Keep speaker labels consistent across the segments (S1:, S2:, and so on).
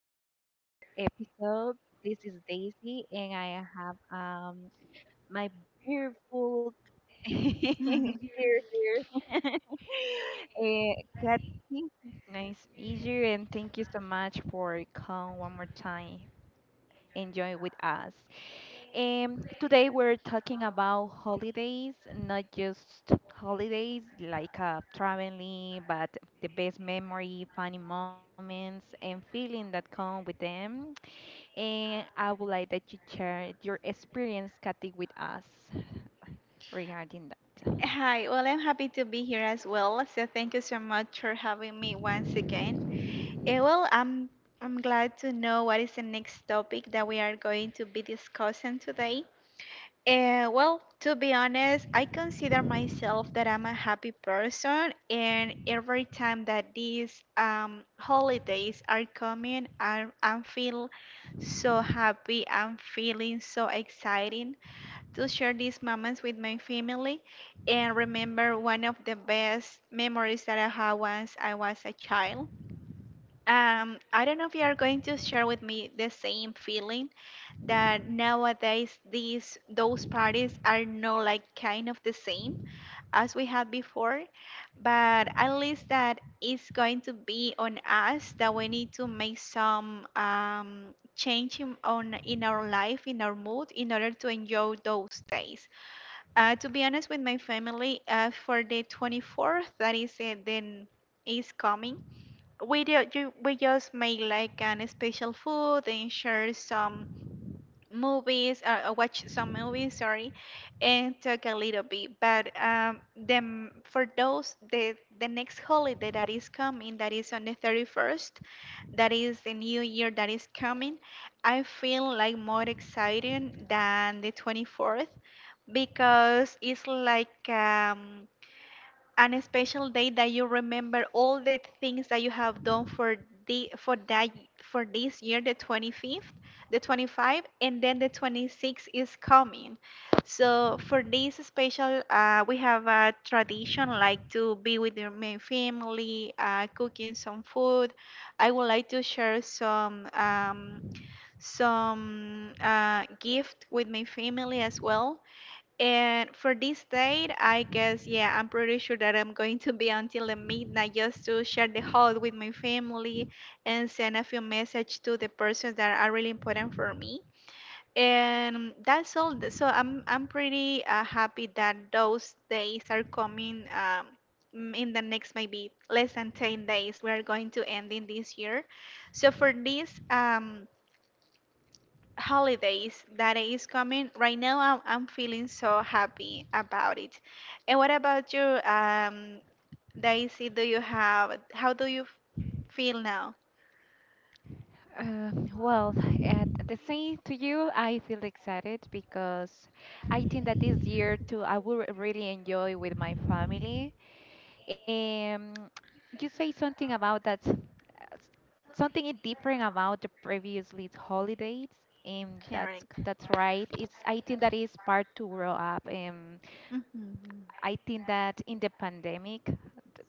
S1: back to another episode. This is Daisy, and I have my beautiful here here. uh, Kathy, nice to meet you, and thank you so much for coming one more time and join with us. Today we're talking about holidays, not just holidays like traveling, but the best memory, funny moments, and feeling that come with them. And I would like that you share your experience, Kathy, with us regarding that.
S2: Hi, well, I'm happy to be here as well. So thank you so much for having me once again. I'm glad to know what is the next topic that we are going to be discussing today. To be honest, I consider myself that I'm a happy person, and every time that these holidays are coming, I feel so happy. I'm feeling so exciting to share these moments with my family and remember one of the best memories that I had once I was a child. I don't know if you are going to share with me the same feeling that nowadays these those parties are not like kind of the same as we had before, but at least that is going to be on us that we need to make some change in our life, in our mood, in order to enjoy those days. To be honest, with my family, for the 24th, that is then is coming, we do, we just make like an special food and share some movies, watch some movies, sorry, and talk a little bit. But then for those the next holiday that is coming, that is on the 31st, that is the new year that is coming, I feel like more exciting than the 24th because it's like an special day that you remember all the things that you have done for the for that for this year. The 25th, the 25, and then the 26 is coming. So for this special, we have a tradition like to be with your main family, cooking some food. I would like to share some gift with my family as well. And for this date, I guess, yeah, I'm pretty sure that I'm going to be until the midnight just to share the hall with my family and send a few message to the persons that are really important for me. And that's all. So I'm pretty happy that those days are coming, in the next maybe less than 10 days. We are going to end in this year. So for this holidays that is coming right now, I'm feeling so happy about it. And what about you, Daisy? Do you have how do you feel now?
S1: Uh, well, at the same to you, I feel excited because I think that this year too, I will really enjoy with my family. Um, you say something about that, something different about the previously holidays. Um, that's
S2: Correct.
S1: that's right. It's I think that is part to grow up.
S2: Mm-hmm.
S1: I think that in the pandemic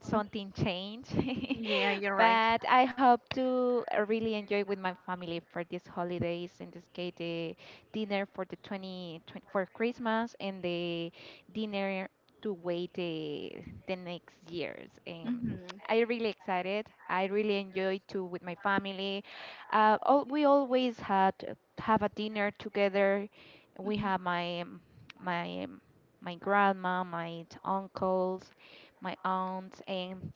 S1: something changed.
S2: Yeah, you're right.
S1: But I hope to really enjoy with my family for these holidays. In this case, the dinner for the twenty for Christmas and the dinner to wait the next years.
S2: Mm-hmm.
S1: I really excited. I really enjoy too with my family. All, we always had have a dinner together. We have my um, my grandma, my uncles, my aunts, and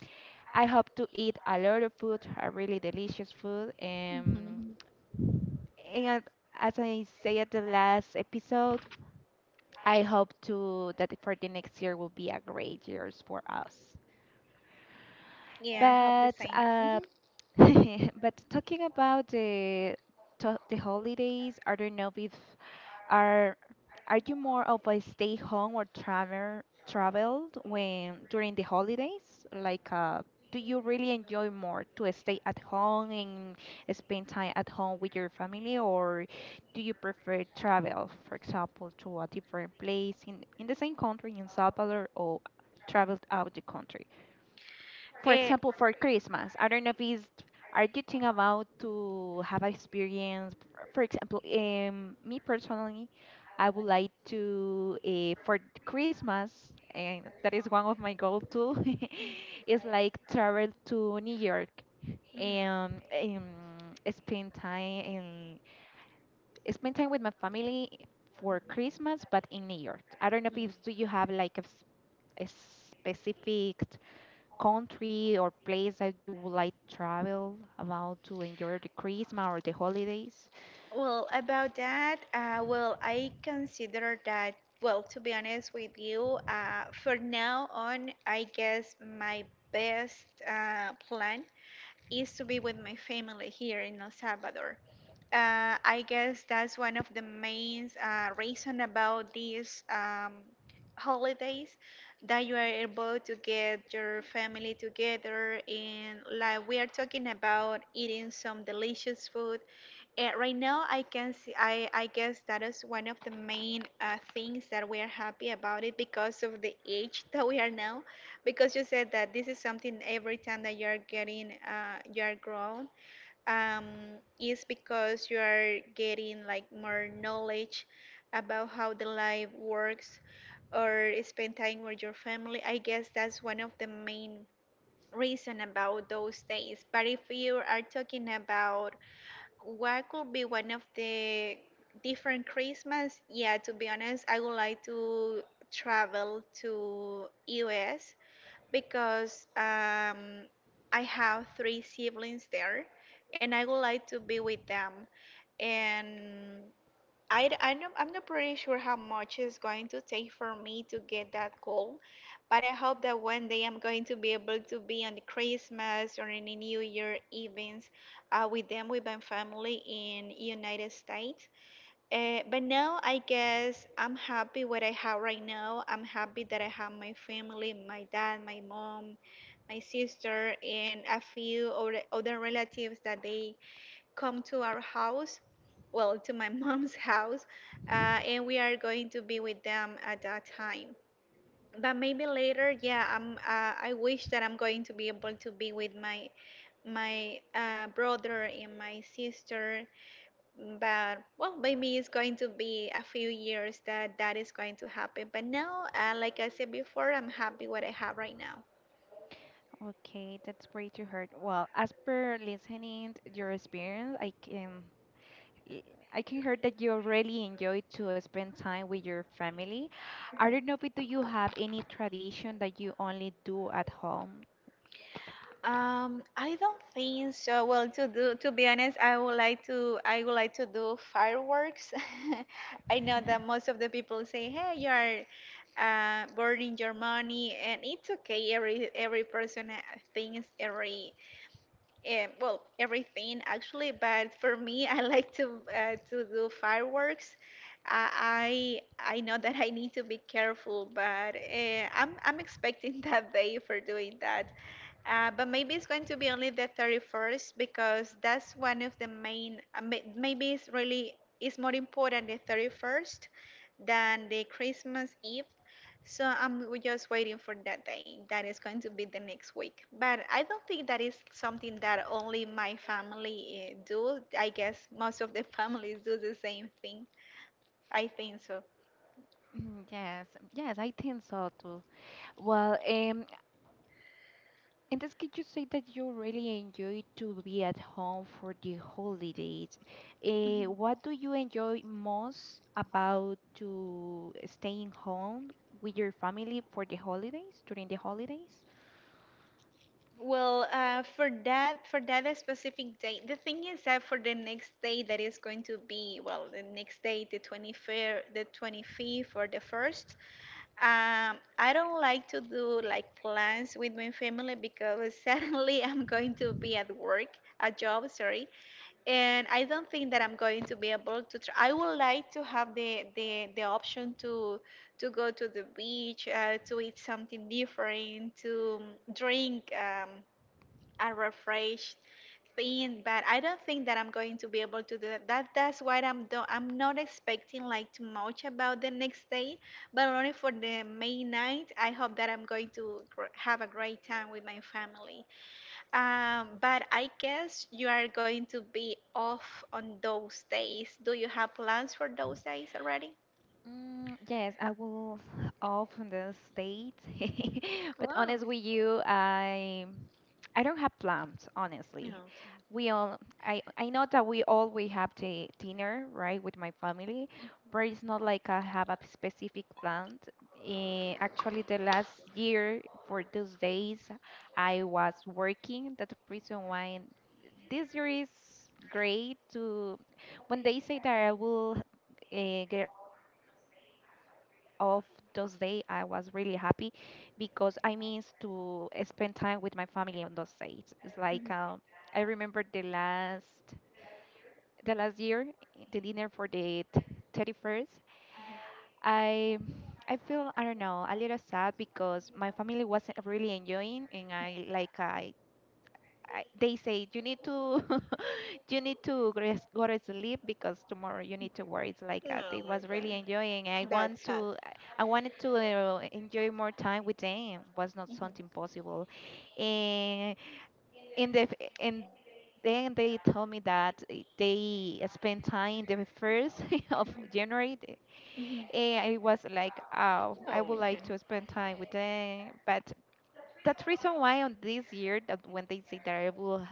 S1: I hope to eat a lot of food, a really delicious food.
S2: Mhm.
S1: And as I say at the last episode, I hope to that for the next year will be a great years for us.
S2: Yeah, I hope the
S1: But
S2: same. Mm-hmm.
S1: but talking about the holidays, I don't know if Are are you more of a stay home or travel traveled when during the holidays? Like, do you really enjoy more to stay at home and spend time at home with your family, or do you prefer travel, for example, to a different place in the same country in Salvador or traveled out the country? For
S2: Eh,
S1: example, for Christmas, I don't know if it's are you thinking about to have an experience? For example, me personally, I would like to, for Christmas, and that is one of my goal too, is like travel to New York and, spend time and spend time with my family for Christmas, but in New York. I don't know, if it's- do you have like a specific country or place that you would like travel about to enjoy the Christmas or the holidays?
S2: Well, about that, well, I consider that, well, to be honest with you, for now on, I guess my best plan is to be with my family here in El Salvador. I guess that's one of the main reason about these holidays that you are able to get your family together and like we are talking about eating some delicious food. Right now, I can see. I guess that is one of the main things that we are happy about it because of the age that we are now. Because you said that this is something every time that you are getting, you are grown, is because you are getting like more knowledge about how the life works, or spend time with your family. I guess that's one of the main reason about those days. But if you are talking about what could be one of the different Christmas? Yeah, to be honest, I would like to travel to US because I have three siblings there and I would like to be with them. And I know, I'm not pretty sure how much it's going to take for me to get that goal, but I hope that one day I'm going to be able to be on the Christmas or any New Year events with them, with my family in United States. But now I guess I'm happy what I have right now. I'm happy that I have my family, my dad, my mom, my sister, and a few other relatives that they come to our house, well, to my mom's house, and we are going to be with them at that time. But maybe later, yeah, I wish that I'm going to be able to be with my brother and my sister. But well, maybe it's going to be a few years that is going to happen. But now, like I said before, I'm happy what I have right now.
S1: Okay, that's great to hear. Well, as per listening to your experience, l- I can hear that you really enjoy to spend time with your family. I don't know, but do you have any tradition that you only do at home?
S2: I don't think so. Well, to be honest, I would like to do fireworks. I know that most of the people say, "Hey, you are burning your money," and it's okay. Every person thinks everything actually. But for me, I like to do fireworks. I know that I need to be careful, but I'm expecting that day for doing that. But maybe it's going to be only the 31st because that's one of the main. Maybe it's really it's more important the 31st than the Christmas Eve. So I'm just waiting for that day. That is going to be the next week. But I don't think that is something that only my family do. I guess most of the families do the same thing. I think so.
S1: Mm, yes, yes, I think so too. Well. And this, could you say that you really enjoy to be at home for the holidays?
S2: Mm-hmm.
S1: What do you enjoy most about to staying home with your family for the holidays, during the holidays?
S2: Well, for that specific day, the thing is that for the next day that is going to be well, the next day, the 25th, the 25th or the first, I don't like to do like plans with my family because suddenly I'm going to be at work, a job, sorry, and I don't think that I'm going to be able to. I would like to have the option to go to the beach, to eat something different, to drink. A refreshed thing, but I don't think that I'm going to be able to do that. That's why I'm not expecting like too much about the next day, but only for the main night. I hope that I'm going to have a great time with my family. But I guess you are going to be off on those days. Do you have plans for those days already?
S1: Mm, yes, I will off on this date. But
S2: Wow.
S1: honest with you, I don't have plans, honestly.
S2: Okay.
S1: We all I know that we always have the dinner, right, with my family, but it's not like I have a specific plan. Actually, the last year for those days, I was working. That's the reason why this year is great. To when they say that I will get off those day, I was really happy because I miss to spend time with my family on those days. It's like, I
S2: Mhm.
S1: remember the last year the dinner for the 31st. I i feel, I don't know, a little sad because my family wasn't really enjoying, and I like, I they say you need to, you need to gres- go to sleep because tomorrow you need to work. It's like, they
S2: Oh my
S1: was really
S2: god.
S1: enjoying. I want
S2: That's sad.
S1: to, I I wanted to enjoy more time with them. Was not something
S2: Mhm.
S1: possible, and in the f- and then they told me that, they spent time the first of January,
S2: Mhm.
S1: and I was like, oh, I
S2: Oh my
S1: would like
S2: god.
S1: to spend time with them, but. That's reason why on this year that when they say that I will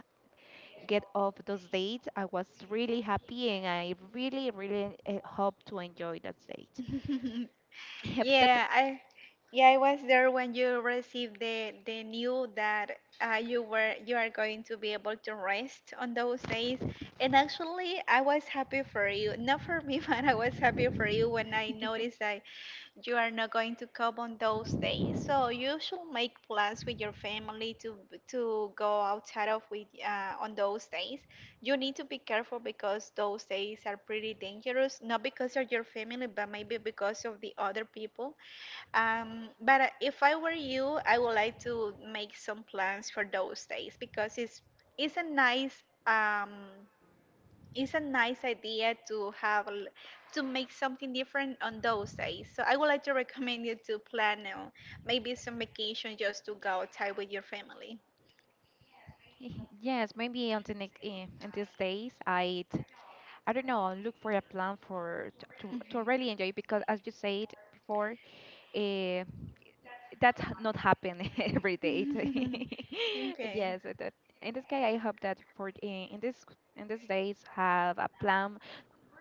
S1: get off those dates, I was really happy, and I really, really hope to enjoy that date. Yep, that,
S2: Yeah, I yeah, I was there when you received the news that you were you are going to be able to rest on those days. And actually, I was happy for you. Not for me, but I was happy for you when I noticed that you are not going to come on those days. So you should make plans with your family to go outside of with on those days. You need to be careful because those days are pretty dangerous. Not because of your family, but maybe because of the other people, but if I were you, I would like to make some plans for those days because it's a nice um it's a nice idea to have to make something different on those days. So I would like to recommend you to plan, maybe some vacation just to go outside with your family.
S1: yes, maybe on these days I'd, I don't know, look for a plan for to really enjoy because, as you said before, uh, that's not happen every date.
S2: Mhm. Okay.
S1: Yes, that, in this case I hope that for in these days have a plan.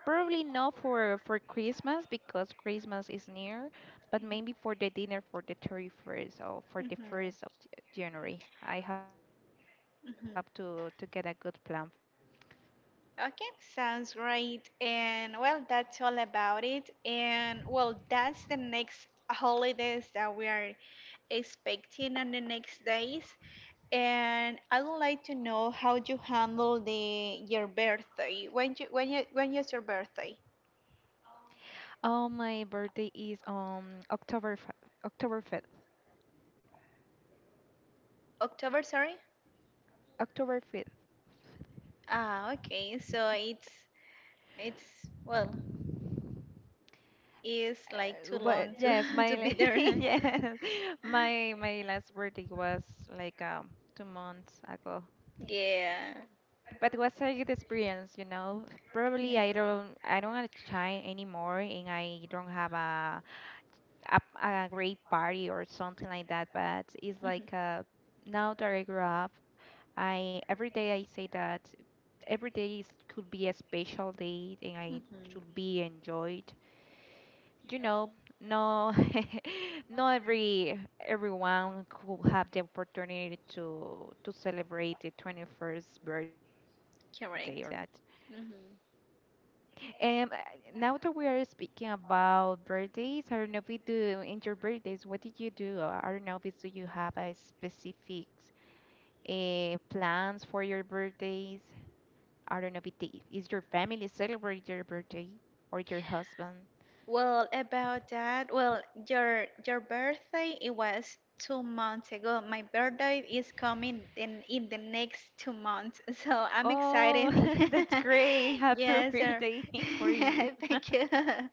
S1: Probably not for Christmas because Christmas is near, but maybe for the dinner for the 31st or for the
S2: Mhm.
S1: 1st of January. I have to get a good
S2: Mhm.
S1: plan.
S2: Okay, sounds great. And well, that's all about it. And well, that's the next holidays that we are expecting on the next days. And I would like to know how you handle the your birthday. When is your birthday?
S1: Oh, my birthday is on October 5th.
S2: October, sorry?
S1: October 5th.
S2: Ah, okay. So it's it's well, it's like too
S1: What,
S2: long to
S1: yes,
S2: to be there.
S1: yes. My last birthday was like 2 months ago.
S2: Yeah.
S1: But it was a good experience. Probably I don't want to try anymore, and I don't have a great party or something like that, but it's
S2: Mhm.
S1: like, now that I grew up, I every day I say that every day is, could be a special day and I
S2: Mhm.
S1: should be enjoyed. You know, no, not everyone could have the opportunity to celebrate the 21st birthday or something like that.
S2: Correct. Hmm.
S1: Um, uh, Now that we are speaking about birthdays, I don't know if we do in your birthdays, what did you do? Or I don't know, if it's- do you have a specific plans for your birthdays? I don't know if it is your family celebrate your birthday or your husband?
S2: Well, about that, well, your birthday, it was 2 months ago. My birthday is coming in the next 2 months, so I'm
S1: Oh,
S2: excited.
S1: that's great.
S2: Yeah.
S1: Happy
S2: Yes, sir.
S1: birthday for you.
S2: Thank you.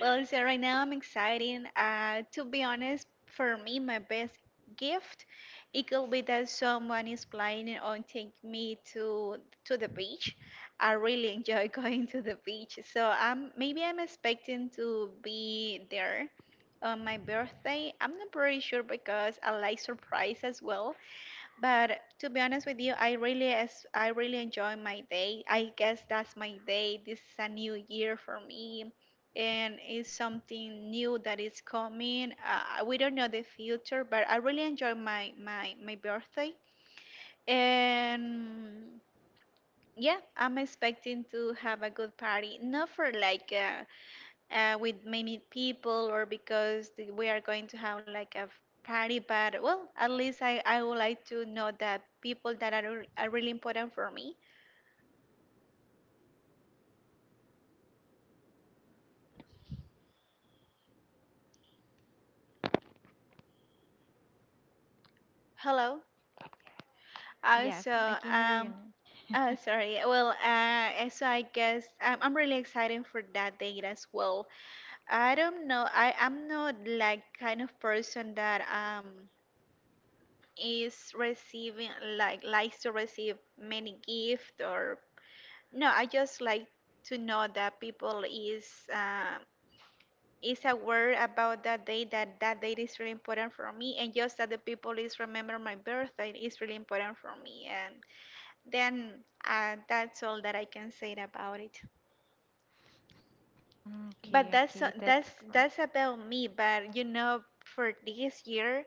S2: Well, so right now I'm excited. To be honest, for me, my best gift it could be that someone is planning on take me to the beach. I really enjoy going to the beach. So I'm maybe I'm expecting to be there on my birthday. I'm not pretty sure because I like surprise as well. But to be honest with you, I really as I really enjoy my day. I guess that's my day. This is a new year for me. And it's something new that is coming. We don't know the future, but I really enjoy my birthday. And yeah, I'm expecting to have a good party. Not for like with many people or because we are going to have like a party. But well, at least I would like to know that people that are really important for me. Hello.
S1: Yes, I can hear you
S2: Also, oh, sorry. Well, so I guess I'm really excited for that date as well. I don't know. I am not like kind of person that is receiving like likes to receive many gift or no, I just like to know that people uh, is aware about that day, that that date is really important for me, and just that the people is remember my birthday is really important for me. And then that's all that I can say about it.
S1: now. Okay, okay,
S2: But
S1: that's
S2: that's
S1: great.
S2: that's that's about me. But you know, for this year,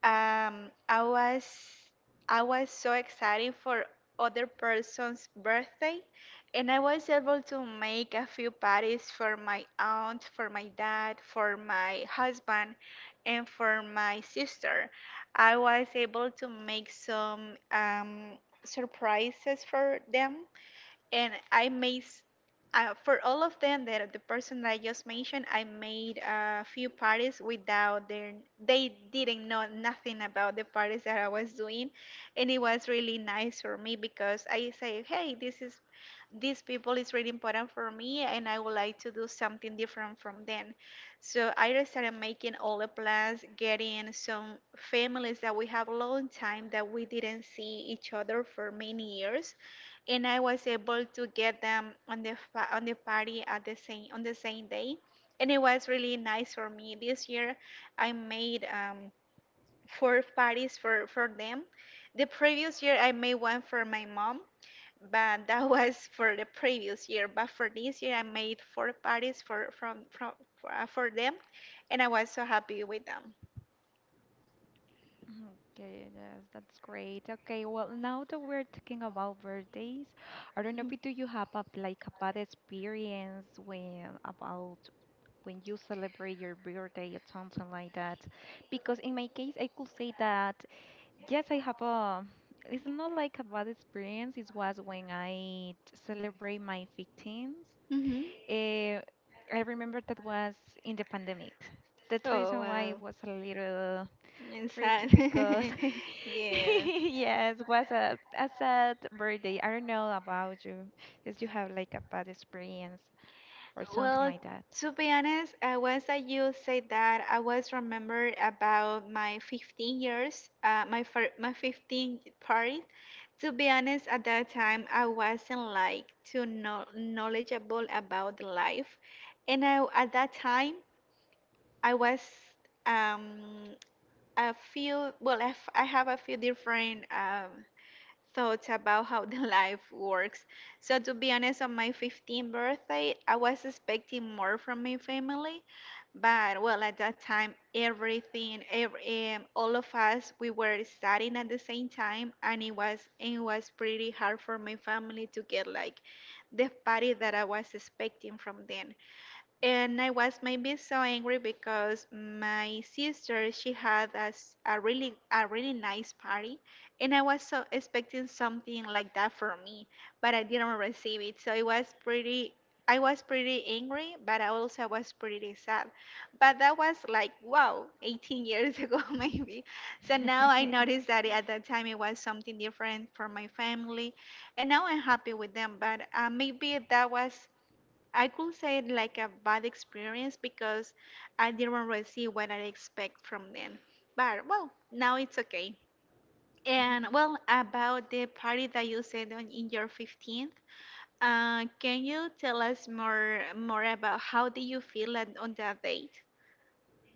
S2: Um, I was I was so excited for other person's birthday, and I was able to make a few parties for my aunt, for my dad, for my husband, and for my sister. I was able to make some surprises for them, and I made for all of them, that the person that I just mentioned, I made a few parties without their, they didn't know nothing about the parties that I was doing. And it was really nice for me because I say, hey, this is, these people is really important for me, and I would like to do something different from them. So I just started making all the plans, getting some families that we have a long time that we didn't see each other for many years, and I was able to get them on on the party at the same on the same day, and it was really nice for me. This year, I made four parties for them. The previous year, I made one for my mom, but that was for the previous year. But for this year, I made four parties for from for them, and I was so happy with them.
S1: Okay, yes, that's great. Okay, well, now that we're talking about birthdays, I don't know,
S2: Mhm.
S1: if do you have a, like a bad experience when about when you celebrate your birthday or something like that? Because in my case, I could say that yes, I have a. It's not like a bad experience. It was when I celebrate my 15th.
S2: Mhm.
S1: Uh, I remember that was in the pandemic. That's the
S2: Oh
S1: reason why it
S2: wow,
S1: was a little tricky because,
S2: it's yeah.
S1: yes, was a sad birthday. I don't know about you. If you have like a bad experience or something
S2: Well,
S1: like that.
S2: to be honest, once that you said that, I was remembered about my 15 years, my 15 party. To be honest, at that time, I wasn't like too knowledgeable about the life, and I at that time I was um a few, well I have a few different thoughts about how the life works. So to be honest, on my 15th birthday, I was expecting more from my family. But well, at that time, everything, all of us, we were studying at the same time, and it was pretty hard for my family to get like the party that I was expecting from them. And I was maybe so angry because my sister, she had us a really nice party, and I was so expecting something like that for me, but I didn't receive it. So it was pretty, I was pretty angry, but I also was pretty sad. But that was like wow, 18 years ago maybe. So now I noticed that at that time it was something different for my family, and now I'm happy with them. But maybe that was, I could say it like a bad experience because I didn't receive what I expect from them. But well, now it's okay. And well, about the party that you said on, in your 15th, can you tell us more about how did you feel at, on that date?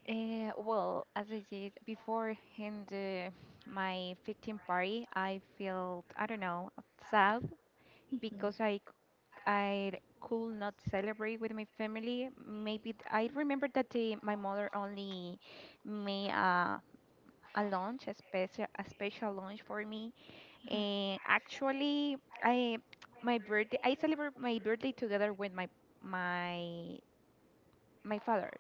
S1: Well, as I said beforehand, in my 15th party, I felt, I don't know, sad
S2: Mhm,
S1: because I could not celebrate with my family. Maybe I remember that, my mother only made a lunch, a special lunch for me.
S2: mhm.
S1: And actually, I, my birthday, I celebrate my birthday together with my my father.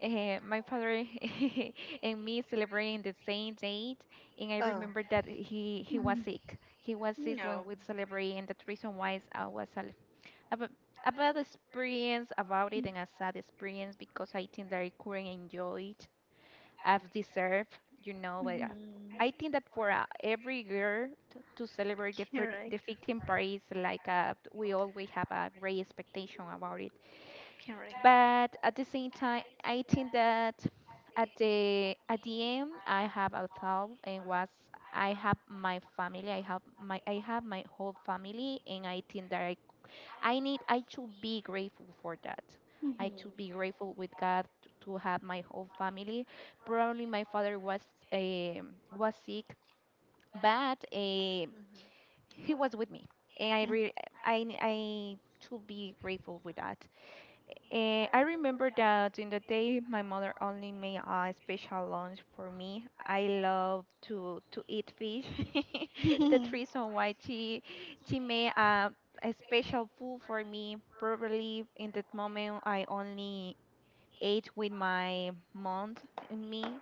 S1: My father and me celebrating the same date, and I
S2: Oh.
S1: remember that he was
S2: Mhm.
S1: sick. He was sick when
S2: No.
S1: we celebrated, and the reason why is I was about about the experience about it and a sad experience because I think that I couldn't enjoy it I've deserved.
S2: Mm,
S1: But
S2: mhm.
S1: I think that for every girl to celebrate the, fir-
S2: Correct.
S1: the 15 party is like a, we always have a great expectation about it.
S2: Correct.
S1: But at the same time, I think that at the end, I have a thought and was I have my family, I have my whole family, and I think that I should be grateful for that. I should
S2: Mhm.
S1: be grateful with God to have my whole family. Probably my father was was sick, but,
S2: Mhm.
S1: he was with me, and I really I should be grateful with that. And I remember that during the day, my mother only made a special lunch for me. I love to eat fish.
S2: Mhm.
S1: That's
S2: Mhm.
S1: reason why she made a special food for me. Probably in that moment, I only ate with my mom and me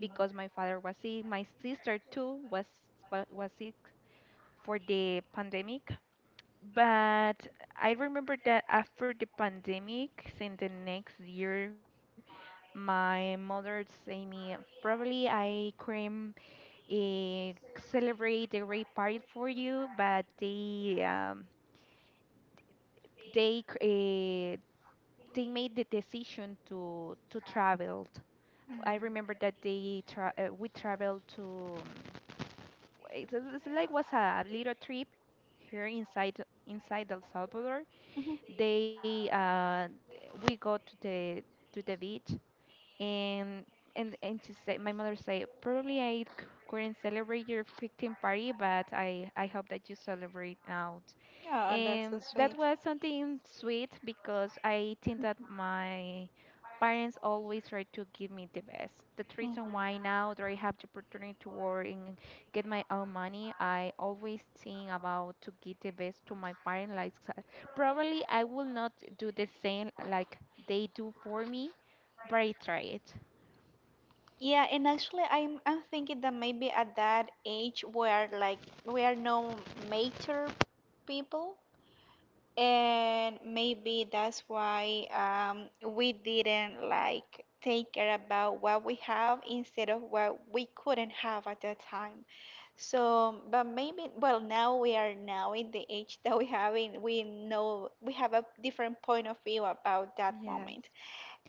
S1: because my father was sick. My sister too was sick for the pandemic. But I remember that after the pandemic, since the next year, my mother say me probably I couldn't uh, celebrate the rape party for you, but they uh, they made the decision to travel. I remember that they tra we traveled. It's like was a little trip here inside El Salvador.
S2: Mhm.
S1: They uh we go to the beach, and and she said my mother said probably I c- couldn't celebrate your 15 party, but I hope that you celebrate out.
S2: Oh, that's so
S1: And that
S2: sweet.
S1: was something sweet because I think that my parents always try to give me the best. The
S2: Mhm. Mhm.
S1: reason why now that I have the opportunity to work and get my own money, I always think about to give the best to my parents. Like probably I will not do the same like they do for me, but I try it.
S2: Yeah, and actually, I'm thinking that maybe at that age where like we are no mature people, and maybe that's why we didn't like take care about what we have instead of what we couldn't have at that time. So, but maybe, well, now we are, now in the age that we know we have a different point of view about that
S1: Yes.
S2: moment.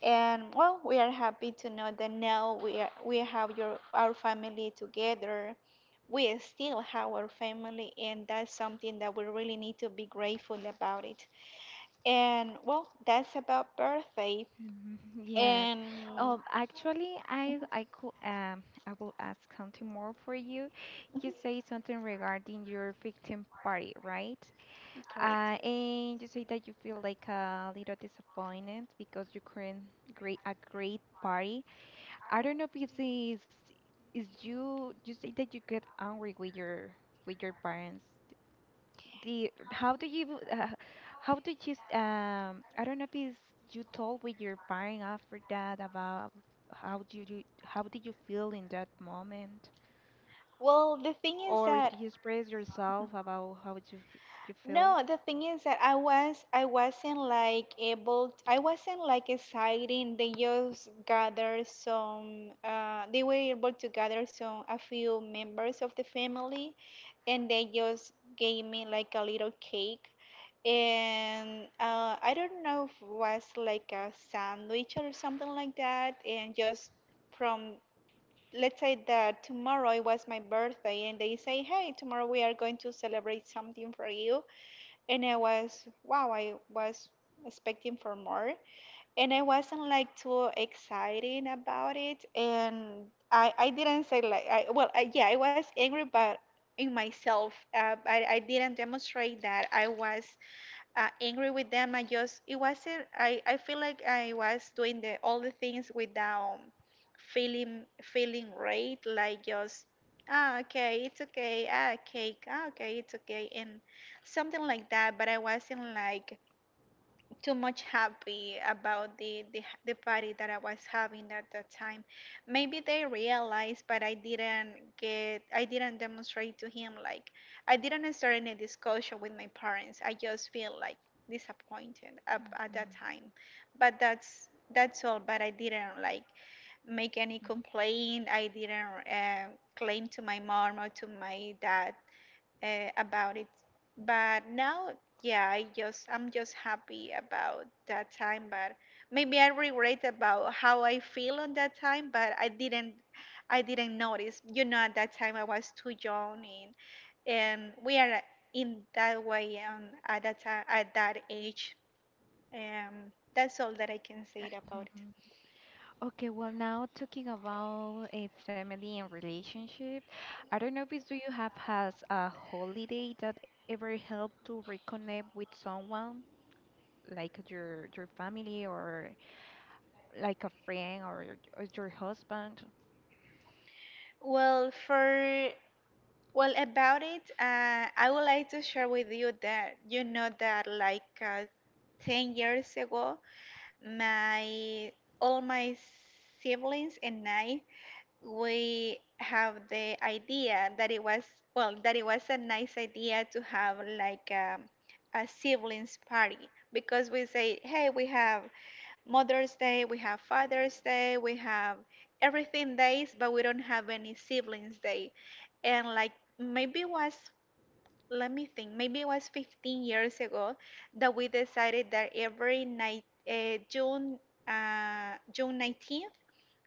S2: And well, we are happy to know that now we have your our family together, we still have our family, and that's something that we really need to be grateful about it. And well, that's about birthday.
S1: Mhm. Yes.
S2: And
S1: Um, actually, I could I will ask something more for you. You
S2: Mhm,
S1: say something regarding your victim party, right?
S2: correct.
S1: And you say that you feel like a little disappointed because you couldn't great a great party. I don't know if this is you say that you get angry with your parents. The how do you s- I don't know if it's you told with your parent after that about how did you feel in that moment,
S2: Well, the thing is
S1: or
S2: that
S1: do you express yourself about how you you feel?
S2: No, the thing is that I wasn't like able, I wasn't like exciting. They just gathered some they were able to gather some a few members of the family, and they just gave me like a little cake, and I don't know if it was like a sandwich or something like that. And just from, let's say that tomorrow it was my birthday, and they say, hey, tomorrow we are going to celebrate something for you. And I was wow, I was expecting for more, and I wasn't like too exciting about it. And I didn't say like I, well yeah, I was angry, but in myself, I didn't demonstrate that I was angry with them. I just, it wasn't, I feel like I was doing the all the things without feeling great, like just ah, okay, it's okay, ah, cake, ah, okay, it's okay, and something like that. But I wasn't like too much happy about the party that I was having at that time. Maybe they realized, but I didn't get, I didn't demonstrate to him, like I didn't start any discussion with my parents. I just feel like disappointed at
S1: Hmm.
S2: that time, but that's all. But I didn't like make any complaint. I didn't claim to my mom or to my dad about it. But now, yeah, I just, I'm just happy about that time. But maybe I regret about how I feel on that time. But I didn't notice. You know, at that time I was too young, and we are in that way at that time, at that age. That's all that I can say about
S1: Hmm.
S2: it.
S1: Okay, well, now talking about a family and relationship, I don't know if it's do you have has a holiday that ever helped to reconnect with someone like your family or like a friend or, your husband?
S2: Well, for Well, about it, I would like to share with you that you know that like 10 years ago, my, all my siblings and I, we have the idea that it was, well, that it was a nice idea to have like a siblings party, because we say, hey, we have Mother's Day, we have Father's Day, we have everything days, but we don't have any siblings day. And like maybe it was, let me think, maybe it was 15 years ago that we decided that every night uh, June June 19th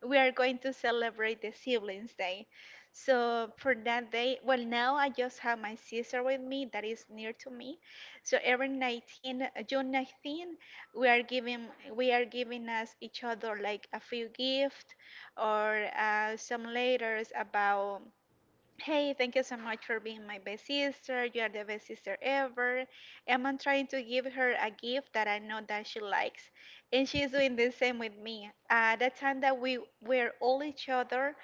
S2: we are going to celebrate the siblings day. So for that day, well, now I just have my sister with me that is near to me. So every 19 uh, June 19, we are giving, we are giving us each other like a few gift or some letters about, hey, thank you so much for being my best sister, you are the best sister ever. And I'm trying to give her a gift that I know that she likes, and she's doing the same with me. The time that we were all each other,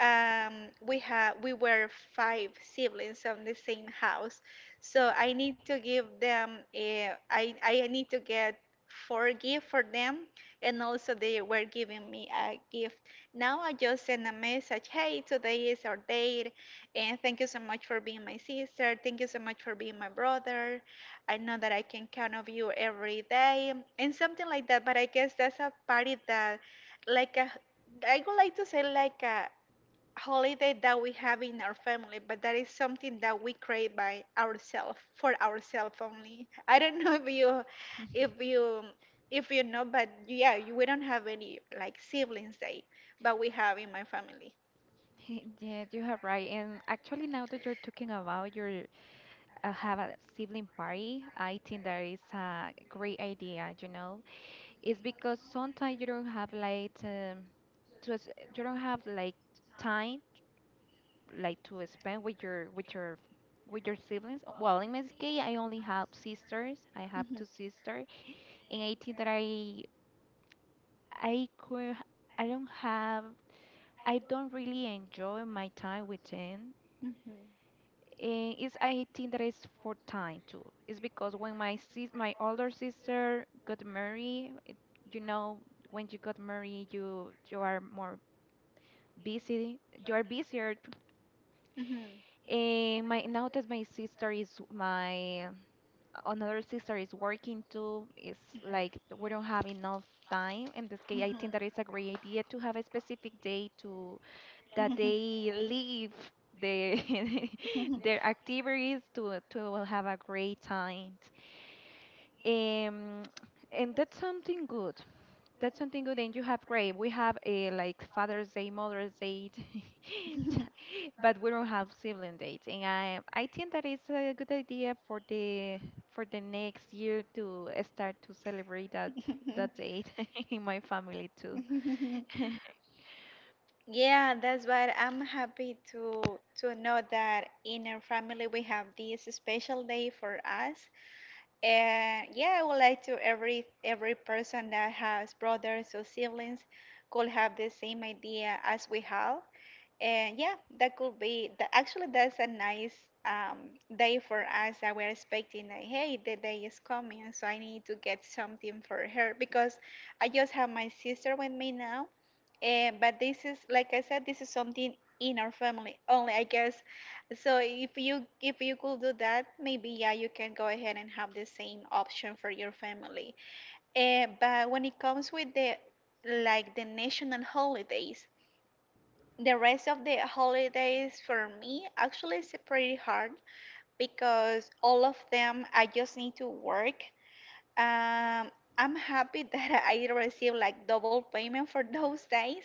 S2: we had, we were 5 siblings on the same house. So I need to give them a, I need to get 4 gifts for them, and also they were giving me a gift. Now I just send a message, hey, today is our date and thank you so much for being my sister, thank you so much for being my brother. I know that I can count on you every day and something like that. But I guess that's a party that, like a, I would like to say like a holiday that we have in our family. But that is something that we create by ourselves for ourselves only. I don't know if you, if you, if you know, but yeah, we don't have any like siblings day, but we have in my family.
S1: Yeah, you have right. And actually, now that you're talking about your have a sibling party, I think that is a great idea. You know, it's because sometimes you don't have like to s- you don't have like time like to spend with your with your with your siblings. Well, in my case, I only have sisters. I have
S2: Mhm,
S1: two sisters, and I think that I could I don't have. I don't really enjoy my time with him.
S2: mhm,
S1: And it's I think that it's for time too. It's because when my older sister got married, you know, when you got married you are more busy, you are busier,
S2: mhm,
S1: and my now that my sister is my another sister is working too, it's like we don't have enough time. In this
S2: mhm,
S1: case, I
S2: mhm.
S1: think that it's a great idea to have a specific day to that they leave their their activities to have a great time. Um, and that's something good. That's something good, and you have great. We have a like Father's Day, Mother's Day, ch- but we don't have sibling dates. And I think that is a good idea for the next year to start to celebrate that that date in my family too.
S2: Yeah, that's why I'm happy to know that in our family we have this special day for us. And yeah, I would like to, every person that has brothers or siblings could have the same idea as we have. And yeah, that could be that, actually that's a nice um, day for us that we're expecting that, hey, the day is coming, so I need to get something for her, because I just have my sister with me now. And but this is like I said, this is something in our family only, I guess. So if you, could do that, maybe yeah, you can go ahead and have the same option for your family. But when it comes with the national holidays, the rest of the holidays for me actually is pretty hard because all of them I just need to work. um, I'm happy that I received like double payment for those days,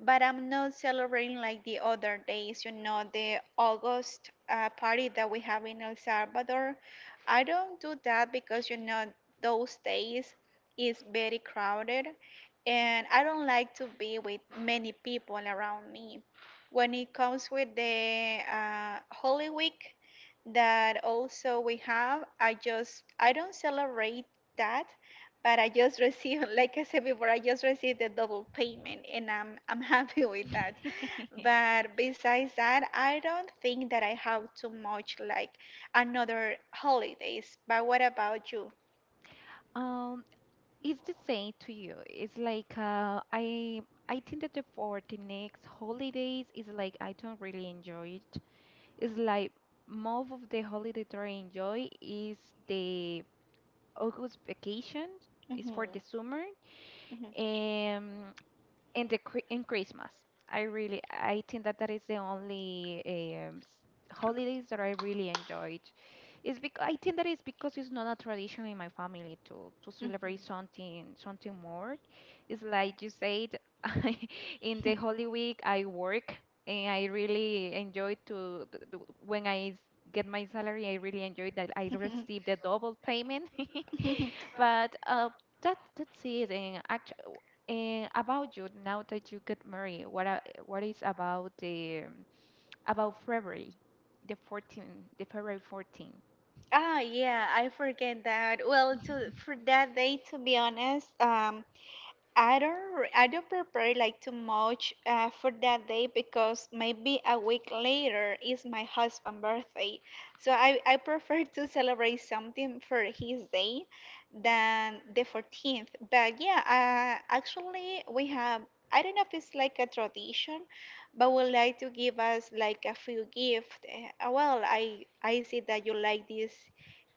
S2: but I'm not celebrating like the other days, you know, the August party that we have in El Salvador. I don't do that because, you know, those days is very crowded and I don't like to be with many people around me. When it comes with the Holy Week, that also we have. I don't celebrate that, but I just received, like I said before, I just received a double payment, and I'm happy with that. But besides that, I don't think that I have too much like another holidays. But what about you?
S1: Um, it's the same to you. It's like I think that for the next holidays is like I don't really enjoy it. It's like most of the holiday that I enjoy is the August vacation. It's
S2: hmm
S1: for the summer in the in Christmas. I really I think that that is the only holidays that I really enjoyed. It's because I think that it's because it's not a tradition in my family to celebrate
S2: hmm
S1: something something more. It's like you said, I, in the Holy Week, I work and I really enjoy when I get my salary. I really enjoy that I receive the double payment. But that's it. And actually, and about you now that you get married, what is about the about February, the 14th, the February 14?
S2: Ah, yeah, I forget that. Well, to for that day, to be honest, I don't I don't prepare like too much for that day because maybe a week later is my husband's birthday. So I prefer to celebrate something for his day than the 14th. But yeah, actually we have, I don't know if it's like a tradition, but would like to give us like a few gift. I see that you like this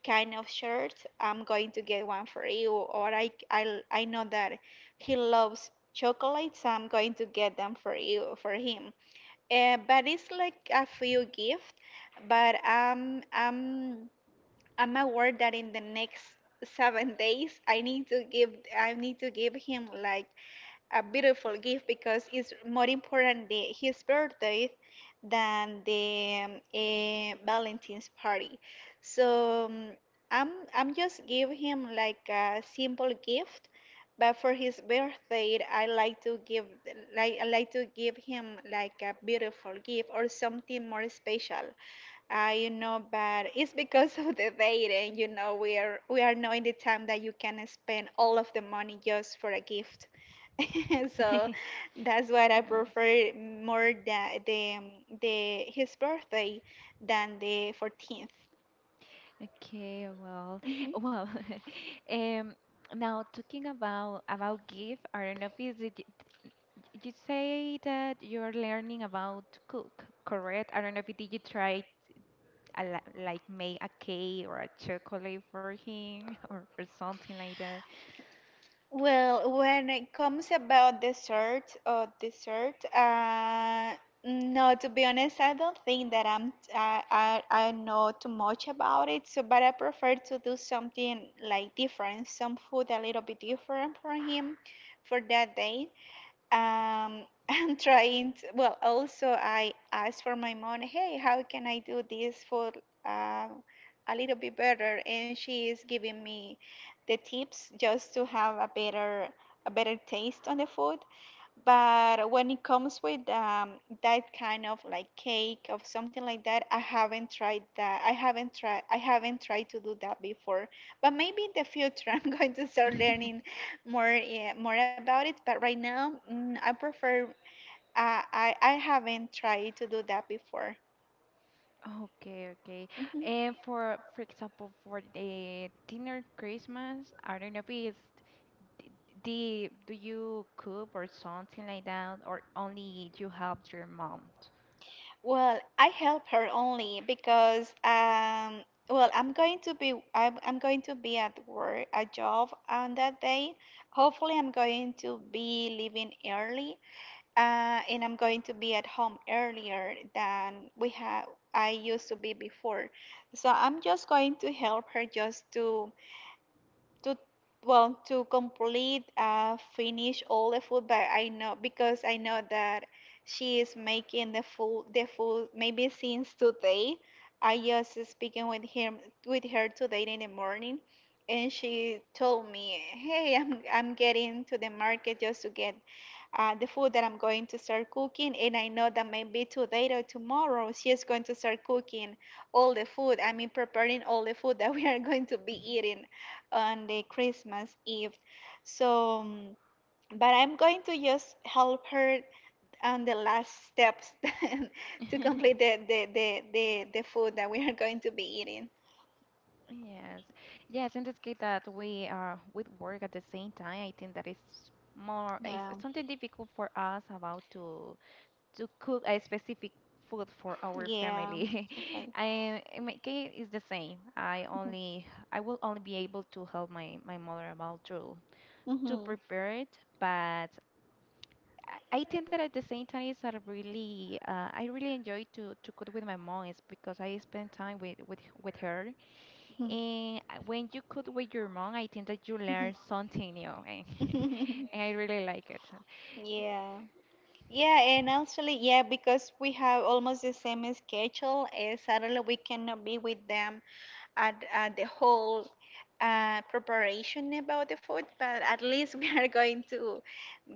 S2: kind of shirt. I'm going to get one for you. Or I know that he loves chocolates. So I'm going to get them for him. But it's like a few gift. But I'm aware that in the next 7 days I need to give him like a beautiful gift because it's more important his birthday than the Valentine's party. So I'm I'm just give him like a simple gift, but for his birthday I like to give him like a beautiful gift or something more special. I You know, but it's because of the dating. You know, we are knowing the time that you can spend all of the money just for a gift. So that's what I
S1: Yes.
S2: prefer more than the his birthday than the 14th.
S1: Okay, well,
S2: hmm
S1: well, um, now talking about gift, I don't know if is it, you say that you're learning about to cook, correct? I don't know if did you try a, like make a cake or a chocolate for him or something like that?
S2: Well, when it comes about dessert, no, to be honest, I don't think that I'm I know too much about it. So, but I prefer to do something like different, some food a little bit different for him for that day. um, I'm trying to, well, also I asked for my mom, hey, how can I do this for uh, a little bit better? And she is giving me the tips just to have a better taste on the food. But when it comes with that kind of like cake or something like that, I haven't tried that. I haven't tried to do that before. But maybe in the future, I'm going to start learning more, yeah, more about it. But right now, I prefer. I haven't tried to do that before.
S1: Okay, okay.
S2: Mhm.
S1: And for example, for the dinner Christmas, I don't know if it's d- do you cook or something like that, or only you help your mom?
S2: Well, I help her only because well, I'm going to be at work, a job on that day. Hopefully, I'm going to be leaving early, and I'm going to be at home earlier than we have I used to be before. So I'm just going to help her just to well to complete finish all the food, but I know, because I know that she is making the food maybe since today. I just speaking with her today in the morning and she told me, hey, I'm getting to the market just to get the food that I'm going to start cooking. And I know that maybe today or tomorrow she is going to start cooking all the food. I mean, preparing all the food that we are going to be eating on the Christmas Eve. So, but I'm going to just help her on the last steps to complete the food that we are going to be eating.
S1: Yes, yes. In this case, that we are with work at the same time, I think that is more it's
S2: Yeah.
S1: something difficult for us about to cook a specific food for our
S2: Yeah.
S1: family.
S2: Okay.
S1: I, in my case, it's the same. I will only be able to help my, my mother about to
S2: hmm
S1: prepare it, but I think that at the same time it's a really I really enjoy to cook with my mom. It's because I spend time with her
S2: hmm
S1: and when you cook with your mom I think that you learn something new and,
S2: hmm
S1: and I really like it.
S2: Yeah, yeah, and actually, yeah, because we have almost the same schedule. Sadly, we cannot be with them at the whole preparation about the food, but at least we are going to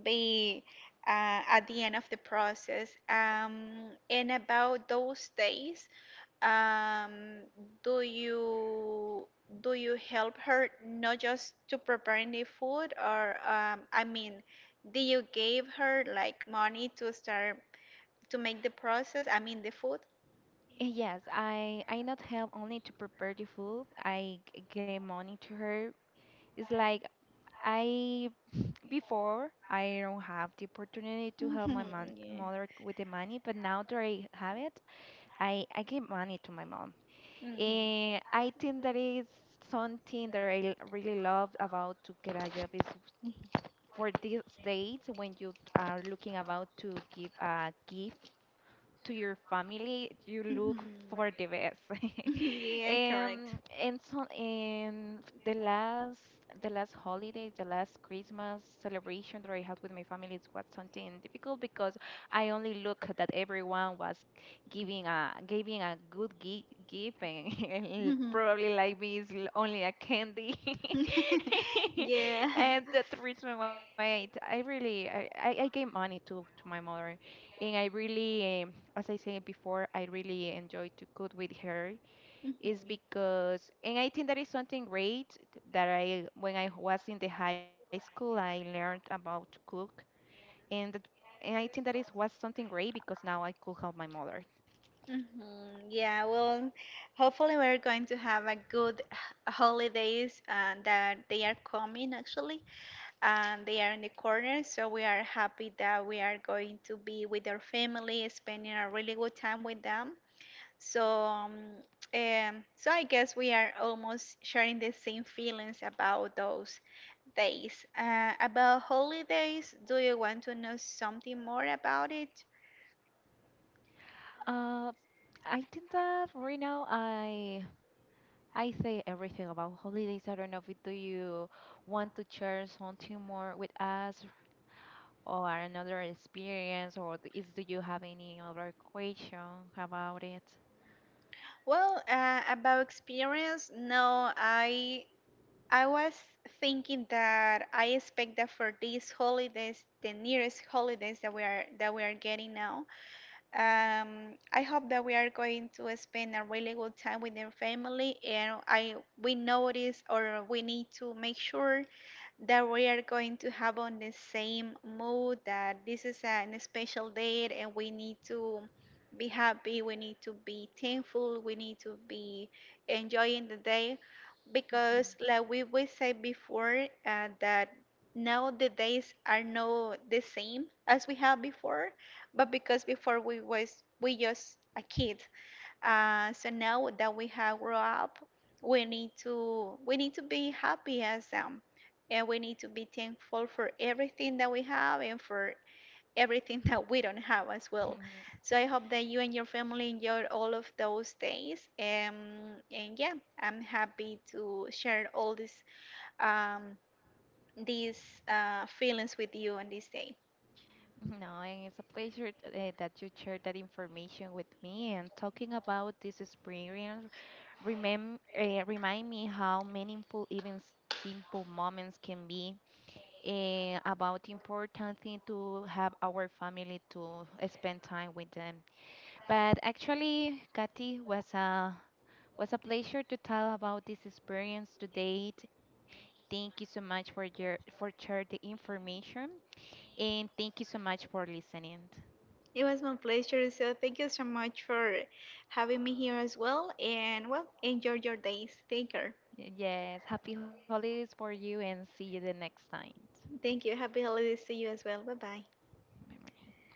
S2: be at the end of the process. And about those days, um, do you help her not just to preparing the food, or I mean, do you give her like money to start to make the process? I mean, the food.
S1: Eh, yes, I not help only to prepare the food. I give money to her. It's like I before I don't have the opportunity to help my mon
S2: Yeah.
S1: mother with the money, but now that I have it, I give money to my mom.
S2: hmm
S1: And I think that is something that I really love about to get a job is for these days when you are looking about to give a gift to your family, you look
S2: hmm
S1: for the best.
S2: yeah, correct.
S1: And so in the last the last holidays, the last Christmas celebration that I had with my family, it was something difficult because I only look that everyone was giving a giving a good gift and, and
S2: Mhm.
S1: probably like me is only a candy.
S2: Yeah.
S1: And that's the reason why I really I gave money to my mother and I really, as I said before, I really enjoy to cook with her. Is
S2: Mhm.
S1: because, and I think that is something great that I, when I was in the high school, I learned about to cook, and that, and I think that is was something great because now I could help my mother.
S2: Mhm. Yeah, well, hopefully we're going to have a good holidays that they are coming actually. And they are in the corner. So we are happy that we are going to be with their family, spending a really good time with them. So, so I guess we are almost sharing the same feelings about those days. About holidays, do you want to know something more about it?
S1: Uh, I think that right now I say everything about holidays. I don't know if do you want to share something more with us or another experience, or is do you have any other question about it?
S2: Well, about experience, no, I was thinking that I expect that for these holidays, the nearest holidays that we are getting now, I hope that we are going to spend a really good time with their family, and I we notice or we need to make sure that we are going to have on the same mood that this is an special date and we need to be happy, we need to be thankful, we need to be enjoying the day because
S1: Mhm.
S2: like we said before, that now the days are not the same as we had before, but because before we just a kid, so now that we have grown up, we need to be happy as them, and we need to be thankful for everything that we have and for everything that we don't have as well. So I hope that you and your family enjoyed all of those days, and yeah, I'm happy to share all um, these feelings with you on this day.
S1: No, and it's a pleasure that you shared that information with me. And talking about this experience, remem remind me how meaningful even simple moments can be. About important thing to have our family to spend time with them. But actually, Katy was a pleasure to tell about this experience to date. Thank you so much for your for share the information and thank you so much for listening.
S2: It was my pleasure. So thank you so much for having me here as well. And well, enjoy your days. Take care.
S1: Yes, happy holidays for you and see you the next time.
S2: Thank you. Happy holidays to you as well. Bye bye.
S1: Bye bye.